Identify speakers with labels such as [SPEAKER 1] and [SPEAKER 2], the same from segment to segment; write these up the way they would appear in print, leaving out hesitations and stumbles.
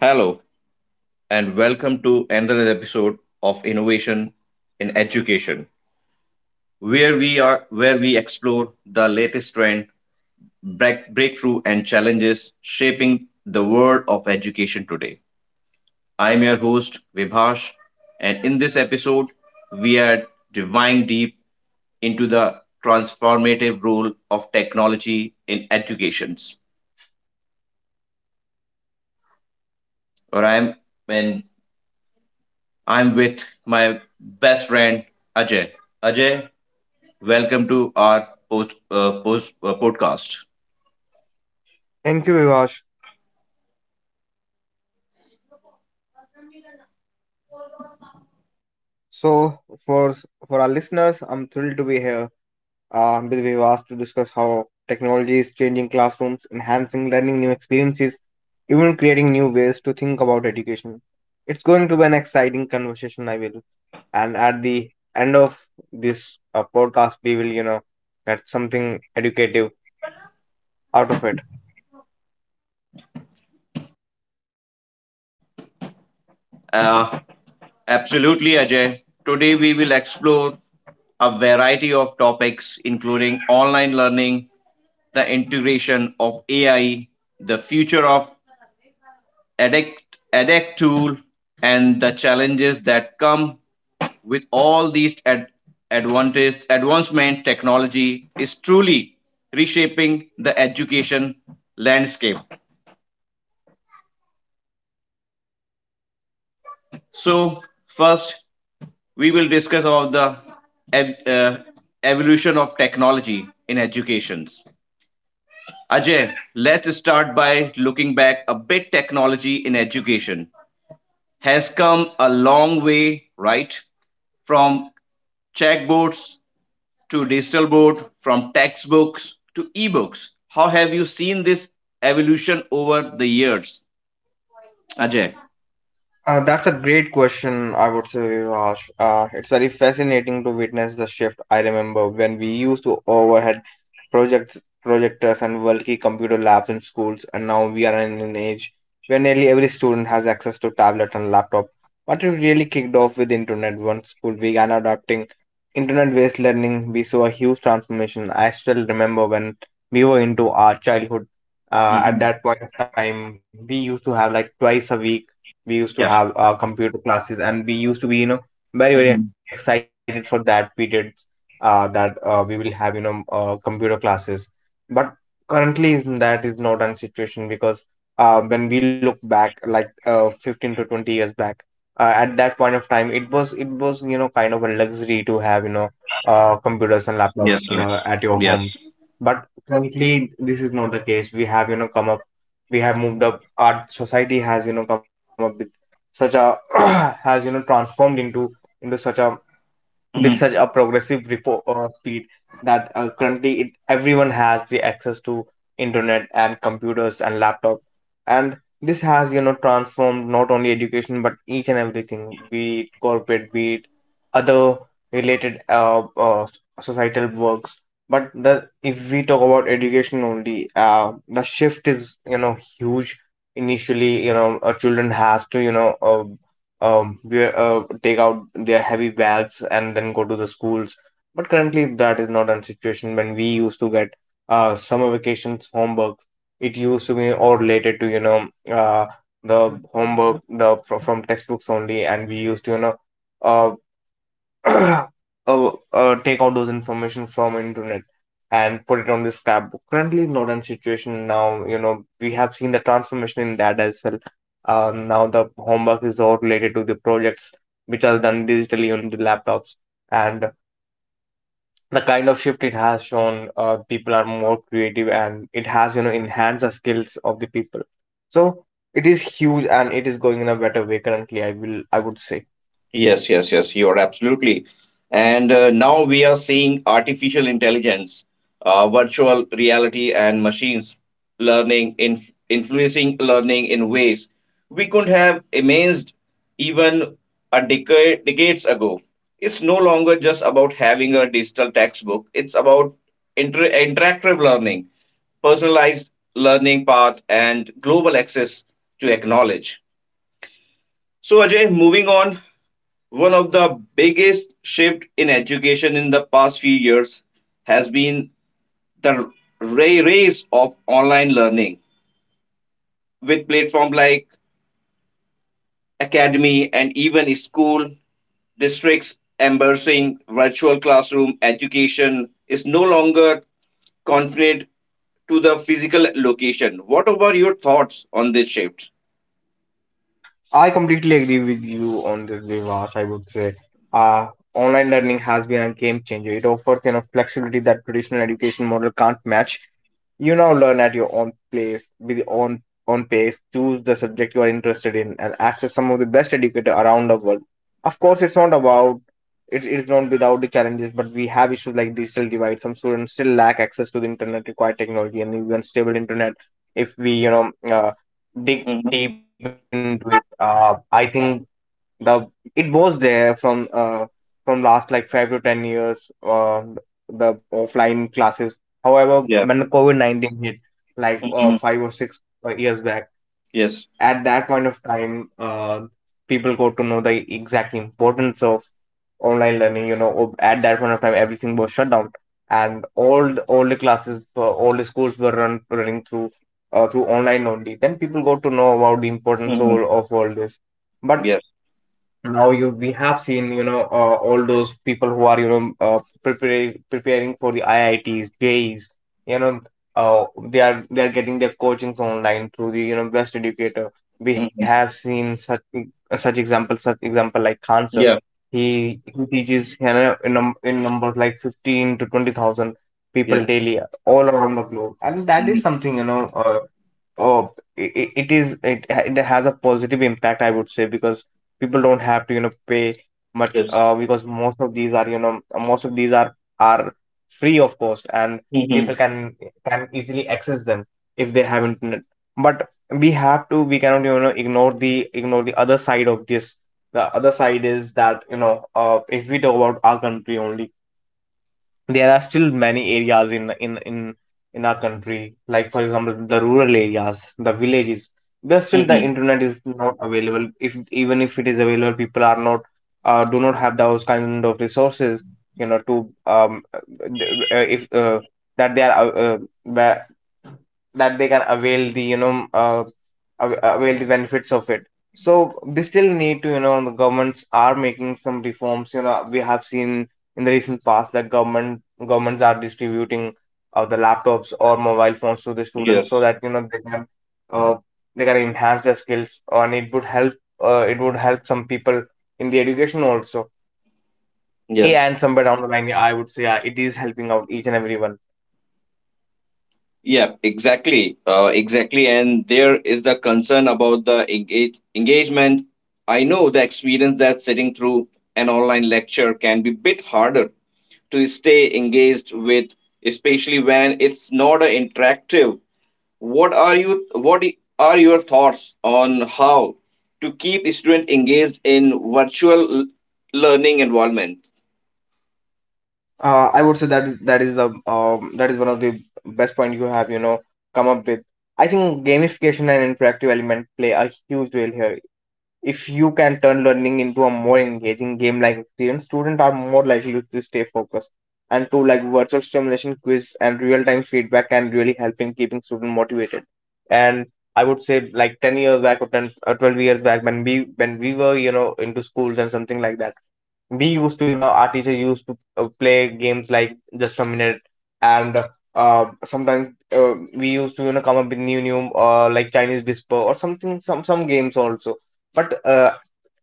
[SPEAKER 1] Hello, and welcome to another episode of Innovation in Education, where we are where we explore the latest trend, breakthrough, and challenges shaping the world of education today. I'm your host Vibhash, and in this episode, we are diving deep into the transformative role of technology in educations. Or I'm and I'm with my best friend Ajay. Ajay, welcome to our post, post podcast.
[SPEAKER 2] Thank you, Vivash. So, for for our listeners, I'm thrilled to be here with Vivash to discuss how technology is changing classrooms, enhancing learning new experiences, even creating new ways to think about education. It's going to be an exciting conversation, I will. And at the end of this podcast, we will, get something educative out of it.
[SPEAKER 1] Uh, Absolutely, Ajay. Today we will explore a variety of topics, including online learning, the integration of AI, the future of edX edX tool, and the challenges that come with all these advancement technology is truly reshaping the education landscape. So first, we will discuss about the ev- uh, evolution of technology in educations. Ajay, let's start by looking back a bit. Technology in education has come a long way, right? From checkbooks to digital board, from textbooks to ebooks. How have you seen this evolution over the years, Ajay?
[SPEAKER 2] That's a great question, I would say, Vivash. It's very fascinating to witness the shift. I remember when we used to projects, projectors and bulky computer labs in schools, and now we are in an age where nearly every student has access to tablet and laptop. But it really kicked off with internet. Once school began adopting internet-based learning, we saw a huge transformation. I still remember when we were into our childhood. At
[SPEAKER 1] hmm
[SPEAKER 2] that point of time, we used to have like twice a week we used to have
[SPEAKER 1] Yes.
[SPEAKER 2] computer classes and we used to be, very very
[SPEAKER 1] Mhm.
[SPEAKER 2] excited for that period that we will have computer classes, but that is not a situation because when we look back like 15 to 20 years back, at that point of time it was , kind of a luxury to have computers and
[SPEAKER 1] Yes.
[SPEAKER 2] laptops at your
[SPEAKER 1] Yes.
[SPEAKER 2] home. But currently this is not the case. We have, come up, we have moved up. Our society has, come up with such a has, transformed into such a with such
[SPEAKER 1] Yes.
[SPEAKER 2] a progressive repo speed that currently everyone has the access to internet and computers and laptop, and this has, transformed not only education but each and everything, be it corporate, be it other related societal works. But the if we talk about education only, the shift is, huge. Initially, children has to take out their heavy bags and then go to the schools. But currently, that is not a situation. When we used to get summer vacations homework, it used to be all related to, you know, uh, the homework the fro- from textbooks only, and we used to, you know, uh, uh, take out those information from internet and put it on this tab. Currently, modern situation now, you know, we have seen the transformation in that as well. Now the homework is all related to the projects which are done digitally on the laptops, and the kind of shift it has shown. People are more creative, and it has, enhanced the skills of the people. So it is huge, and it is going in a better way currently. I would say.
[SPEAKER 1] Yes, yes, you are absolutely. And now we are seeing artificial intelligence, virtual reality, and machines learning in influencing learning in ways we could have imagined even a decades ago. It's no longer just about having a digital textbook. It's about interactive learning, personalized learning path, and global access to acknowledge. So Ajay, moving on, one of the biggest shift in education in the past few years has been the rise of online learning with platforms like academy and even school districts embracing virtual classroom education is no longer confined to the physical location. What about your thoughts on this shift?
[SPEAKER 2] I completely agree with you on this, Vivash. I would say uh, online learning has been a game changer. It offers enough flexibility that traditional education model can't match. You now learn at your own place, with your own pace, choose the subject you are interested in, and access some of the best educator around the world. Of course, it's not without the challenges, but we have issues like digital divide. Some students still lack access to the internet, required technology, and even stable internet. If we dig
[SPEAKER 1] hmm
[SPEAKER 2] deep into it. I think the it was there from last like 5 to 10 years, the offline classes. However,
[SPEAKER 1] Yeah.
[SPEAKER 2] when the covid-19 hit, like
[SPEAKER 1] hmm
[SPEAKER 2] five or six years back,
[SPEAKER 1] Yes.
[SPEAKER 2] at that point of time, people got to know the exact importance of online learning. At that point of time everything was shut down, and all the classes, all the schools were running through through online only. Then people got to know about the importance
[SPEAKER 1] hmm
[SPEAKER 2] of all this. But
[SPEAKER 1] Yes.
[SPEAKER 2] now you we have seen, all those people who are preparing for the IITs, JEEs, you know uh, they are getting their coachings online through the best educator. We have
[SPEAKER 1] hmm
[SPEAKER 2] seen such example like Khan sir.
[SPEAKER 1] Yeah.
[SPEAKER 2] He teaches, in numbers like 15 to 20,000 people
[SPEAKER 1] Yes.
[SPEAKER 2] daily all around the globe, and that is
[SPEAKER 1] hmm
[SPEAKER 2] something, you know. Oh, it, it has a positive impact, I would say, because people don't have to, you know, pay much
[SPEAKER 1] Yes.
[SPEAKER 2] because most of these are are free of cost, and people can easily access them if they have internet. But we cannot, you know, ignore the other side of this. The other side is that, you know, if we talk about our country only, there are still many areas in in our country, like for example the rural areas, the villages, where still the
[SPEAKER 1] hmm
[SPEAKER 2] internet is not available. If even if it is available, people are not do not have those kind of resources, you know, to um uh, th- if that they are where- that they can avail the, you know, avail the benefits of it. So we still need to, you know, the governments are making some reforms. You know, we have seen in the recent past that governments are distributing the laptops or mobile phones to the
[SPEAKER 1] Yes,
[SPEAKER 2] students, so that you know uh, they can enhance their skills, and it would help, it would help some people in the education also, yeah.
[SPEAKER 1] yes,
[SPEAKER 2] And somewhere down the line, yeah, I would say, yeah, it is helping out each and everyone.
[SPEAKER 1] yeah, exactly. And there is the concern about the engagement. I know the experience that sitting through an online lecture can be bit harder to stay engaged with, especially when it's not a interactive. What are your thoughts on how to keep student engaged in virtual learning environment?
[SPEAKER 2] I would say that is the that is one of the best point you have, you know, come up with. I think gamification and interactive element play a huge role here. If you can turn learning into a more engaging game-like experience, students are more likely to stay focused. And two, like virtual stimulation quiz and real-time feedback can really help in keeping students motivated. And I would say like 10 years back, or 10 or 12 years back, when we were, you know, into schools and something like that, we used to, you know, our teacher used to play games like just a minute, and sometimes we used to, you know, come up with new like chinese whisper or something, some games also. But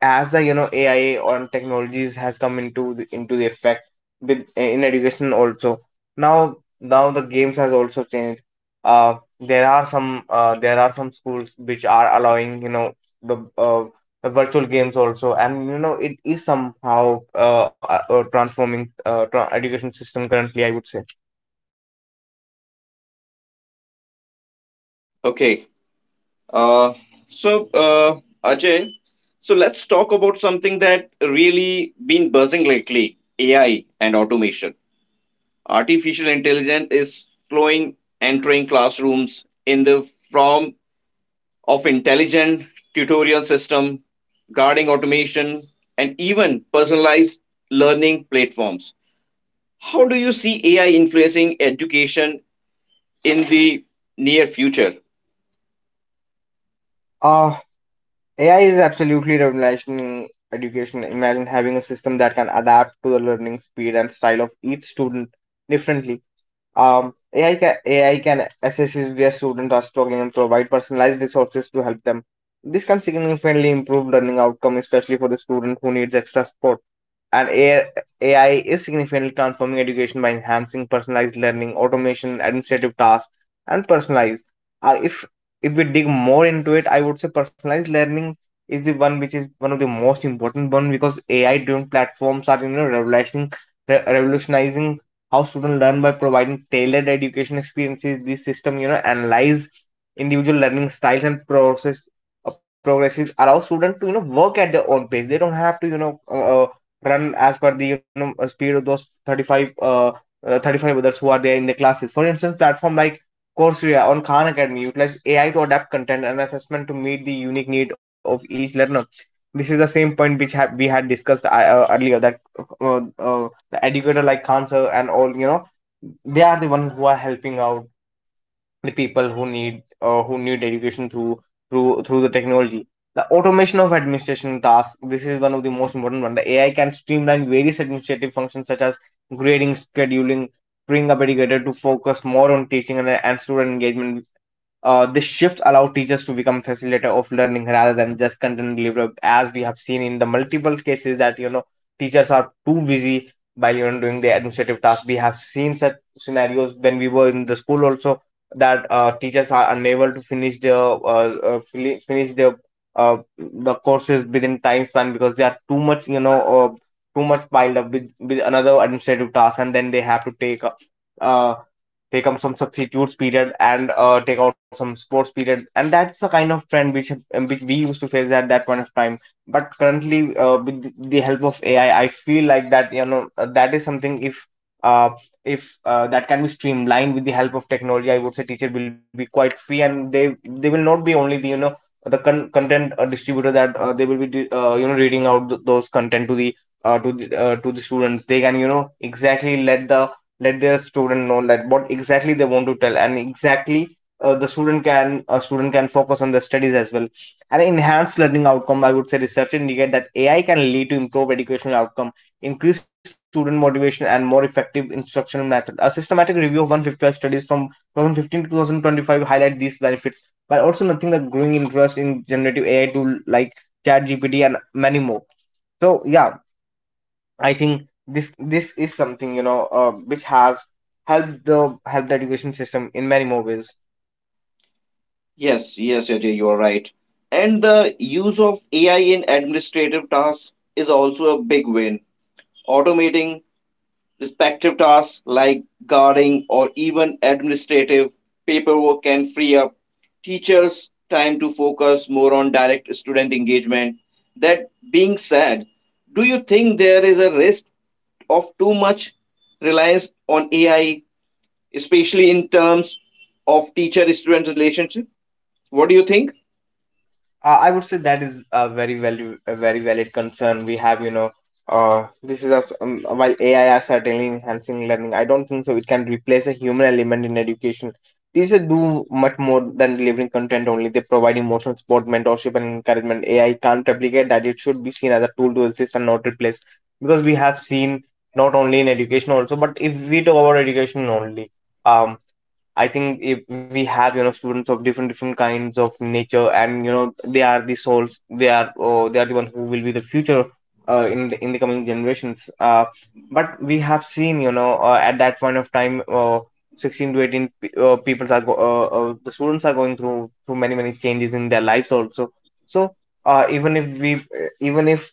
[SPEAKER 2] as the, you know, AI on technologies has come into the effect with, in education also, now the games has also changed. uh, there are some there are some schools which are allowing, you know, the virtual games also, and you know it is somehow transforming education system currently, I would say.
[SPEAKER 1] Okay, Uh, Ajay, so let's talk about something that really been buzzing lately, AI and automation. Artificial intelligence is slowing entering classrooms in the form of intelligent tutorial system, guarding automation, and even personalized learning platforms. How do you see AI influencing education in the near future?
[SPEAKER 2] uh AI is absolutely revolutionizing education. Imagine having a system that can adapt to the learning speed and style of each student differently. AI can assess where students are struggling and provide personalized resources to help them. This can significantly improve learning outcome, especially for the student who needs extra support. And AI, AI is significantly transforming education by enhancing personalized learning, automation, administrative tasks, and personalized. Uh, if if we dig more into it, I would say personalized learning is the one which is one of the most important one, because AI driven platforms are, you know, revolutionizing how students learn by providing tailored education experiences. This system, you know, analyze individual learning styles and process progresses, allow students to, you know, work at their own pace. They don't have to, you know, run as per the, you know, speed of those 35 others who are there in the classes. For instance, platform like Coursera on Khan Academy utilize AI to adapt content and assessment to meet the unique need of each learner. This is the same point we had discussed earlier, that uh, uh, educator like Khan sir and all, you know, they are the ones who are helping out the people who need education through the technology. The automation of administration tasks. This is one of the most important one. The AI can streamline various administrative functions such as grading, scheduling, freeing up educator to focus more on teaching and student engagement. This shift allowed teachers to become facilitator of learning rather than just content deliverer, as we have seen in the multiple cases that you know teachers are too busy while you know doing the administrative task. We have seen such scenarios when we were in the school also that teachers are unable to finish their finish their the courses within time span because they are too much too much piled up with another administrative task, and then they have to take uh, take up some substitutes period and take out some sports period. And that's the kind of trend which we used to face at that point of time. But currently, with the help of ai I feel like that that is something if uh, if that can be streamlined with the help of technology. I would say teacher will be quite free, and they will not be only the the content distributor, that they will be you know reading out those content to the to the students. They can you know exactly let the let their student know like what exactly they want to tell. And exactly the student can a student can focus on their studies as well. And enhanced learning outcome, I would say research indicate that ai can lead to improved educational outcome, increased student motivation and more effective instructional method. A systematic review of 155 studies from 2015 to 2025 highlight these benefits while also nothing the growing interest in generative ai tool like chat gpt and many more. So yeah, I think this is something you know which has helped the education system in many more ways.
[SPEAKER 1] Yes, yes, Ajay, you are right. And the use of AI in administrative tasks is also a big win. Automating respective tasks like guarding or even administrative paperwork can free up teachers' time to focus more on direct student engagement. That being said, do you think there is a risk of too much reliance on AI, especially in terms of teacher-student relationship? What do you think?
[SPEAKER 2] I would say that is a very valid concern we have. You know, this is a s- while AI are certainly enhancing learning, I don't think so it can replace a human element in education. Teachers do much more than delivering content only. They provide emotional support, mentorship, and encouragement. AI can't replicate that. It should be seen as a tool to assist and not replace. Because we have seen not only in education also, but if we talk about education only, um. I think if we have you know students of different different kinds of nature, and you know they are the souls, they are oh, they are the one who will be the future in the coming generations. But we have seen you know at that point of time, 16 to 18 people are the students are going through many many changes in their lives also. So uh, even if we even if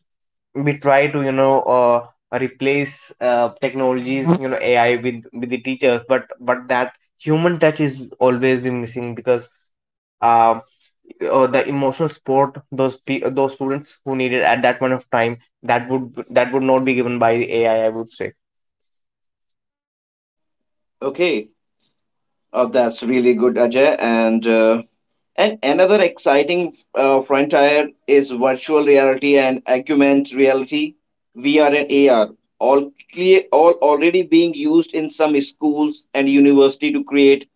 [SPEAKER 2] we try to you know replace technologies you know AI with the teachers, but that human touch is always be missing because uh, the emotional support, those those students who need it at that point of time, that would not be given by the AI, I would say.
[SPEAKER 1] Okay, that's really good, Ajay. And another exciting frontier is virtual reality and augmented reality, VR and AR, all already being used in some schools and university to create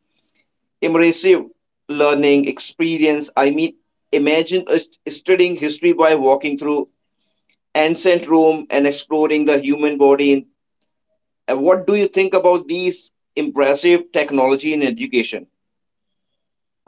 [SPEAKER 1] immersive learning experience. I mean, imagine us studying history by walking through ancient Rome and exploring the human body. And what do you think about these impressive technology in education?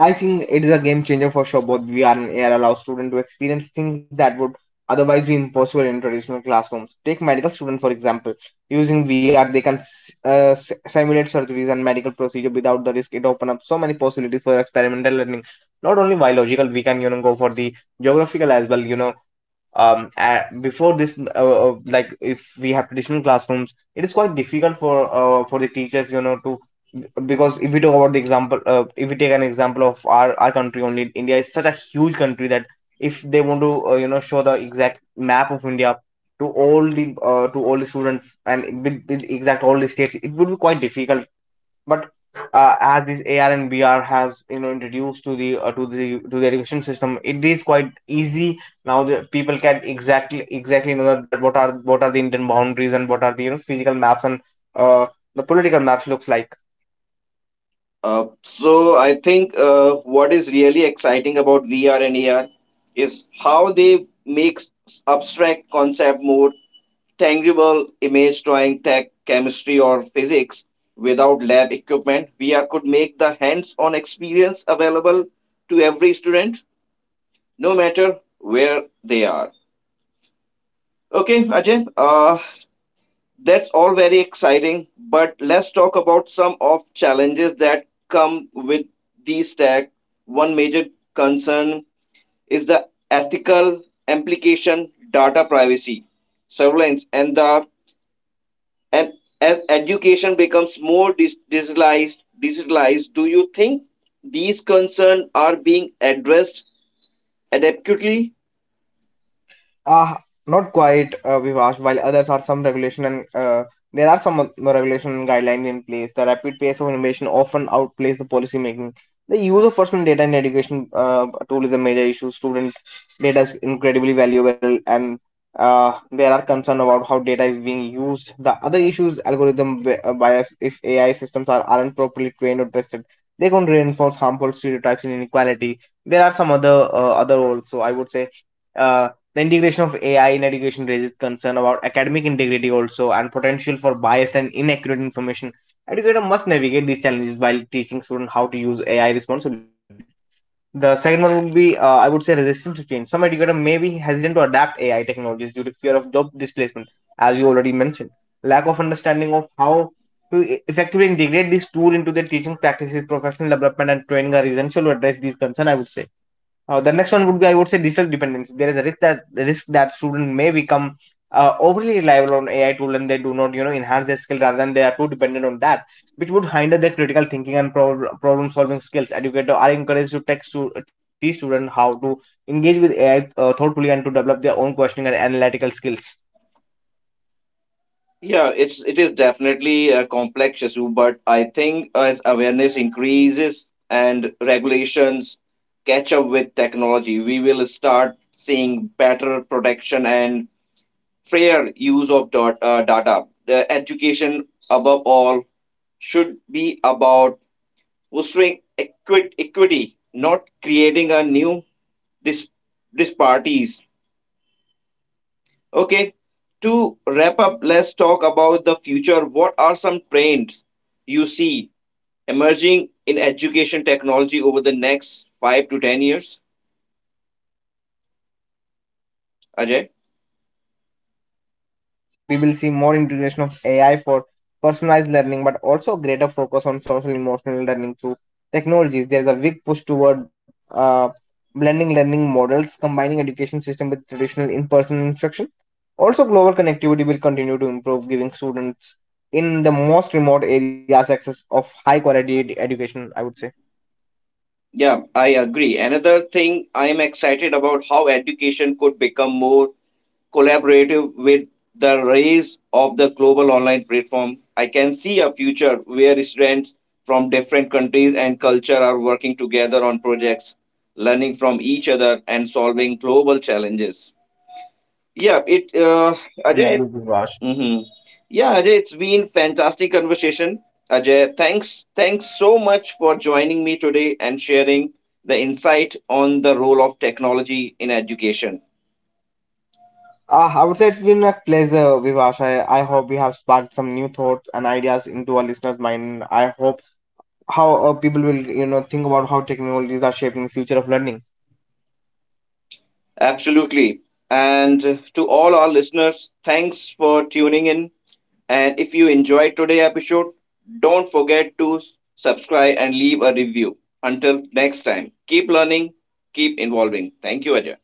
[SPEAKER 2] I think it is a game changer for sure. Both VR and AR allow students to experience things that would otherwise be impossible in traditional classrooms. Take medical students, for example. Using VR, they can simulate surgeries and medical procedure without the risk. It opens up so many possibilities for experimental learning. Not only biological, we can you know go for the geographical as well. You know, before this, like if we have traditional classrooms, it is quite difficult for the teachers, you know, to because if we talk about the example if we take an example of our country only, india is such a huge country that if they want to you know show the exact map of india to all the students, and with exact all the states, it would be quite difficult. But as this ar and br has you know introduced to the to the education system, it is quite easy now. The people can exactly know that what are the indian boundaries and what are the you know physical maps and uh, the political maps looks like.
[SPEAKER 1] So I think what is really exciting about VR and AR is how they make abstract concept more tangible. Image drawing, tech, chemistry, or physics without lab equipment, VR could make the hands-on experience available to every student, no matter where they are. Okay, Ajay. That's all very exciting, but let's talk about some of challenges that come with these tech. One major concern is the ethical implication, data privacy, surveillance, and as education becomes more digitalized, digitalized, do you think these concerns are being addressed adequately?
[SPEAKER 2] Uh, Not quite, Vivash, while others are some regulation and there are some regulation and guidelines in place. The rapid pace of innovation often outplays the policy making. The use of personal data in education tool is a major issue. Student data is incredibly valuable, and there are concerns about how data is being used. The other issues, algorithm bias, if AI systems are, aren't properly trained or tested, they can reinforce harmful stereotypes and inequality. There are some other other also, I would say. uh, the integration of AI in education raises concern about academic integrity also and potential for biased and inaccurate information. Educator must navigate these challenges while teaching students how to use AI responsibly. The second one would be, I would say, resistance to change. Some educators may be hesitant to adapt AI technologies due to fear of job displacement, as you already mentioned. Lack of understanding of how to effectively integrate this tool into their teaching practices, professional development, and training are essential to address these concerns, I would say. The next one would be, I would say, digital dependency. There is a risk that the risk that students may become overly reliable on AI tool, and they do not, you know, enhance their skill rather than they are too dependent on that, which would hinder their critical thinking and problem solving skills. Educators are encouraged to teach, teach students how to engage with AI thoughtfully and to develop their own questioning and analytical skills.
[SPEAKER 1] Yeah, it is definitely a complex issue, but I think as awareness increases and regulations catch up with technology, we will start seeing better protection and fair use of data. The education, above all, should be about fostering equity, not creating a new dis- disparities. Okay, to wrap up, let's talk about the future. What are some trends you see emerging in education technology over the next five to 10 years?
[SPEAKER 2] Ah, I would say I think we'll see
[SPEAKER 1] Ajay?
[SPEAKER 2] more of the integration of. I would see we will see more integration of AI for personalized learning, but also greater focus on social emotional learning through technologies. There is a big push toward blending learning models, combining education system with traditional in-person instruction. Also, global connectivity will continue to improve, giving students in the most remote areas access of high quality education, I would say.
[SPEAKER 1] Yeah, I agree. Another thing I am excited about how education could become more collaborative with the rise of the global online platform, I can see a future where students from different countries and culture are working together on projects, learning from each other and solving global challenges. Yeah,
[SPEAKER 2] I
[SPEAKER 1] it
[SPEAKER 2] completely agree with
[SPEAKER 1] Ajay.
[SPEAKER 2] you, Vivash.
[SPEAKER 1] Mm-hmm. Yeah, Ajay, it's been fantastic conversation. Ajay, thanks so much for joining me today and sharing the insight on the role of technology in education.
[SPEAKER 2] I would say it's been a pleasure, Vivash. I hope we have sparked some new thoughts and ideas into our listeners' mind. I hope how people will you know think about how technologies are shaping the future of learning.
[SPEAKER 1] Absolutely. And to all our listeners, thanks for tuning in. And if you enjoyed today's episode, don't forget to subscribe and leave a review. Until next time, keep learning, keep involving. Thank you, Ajay.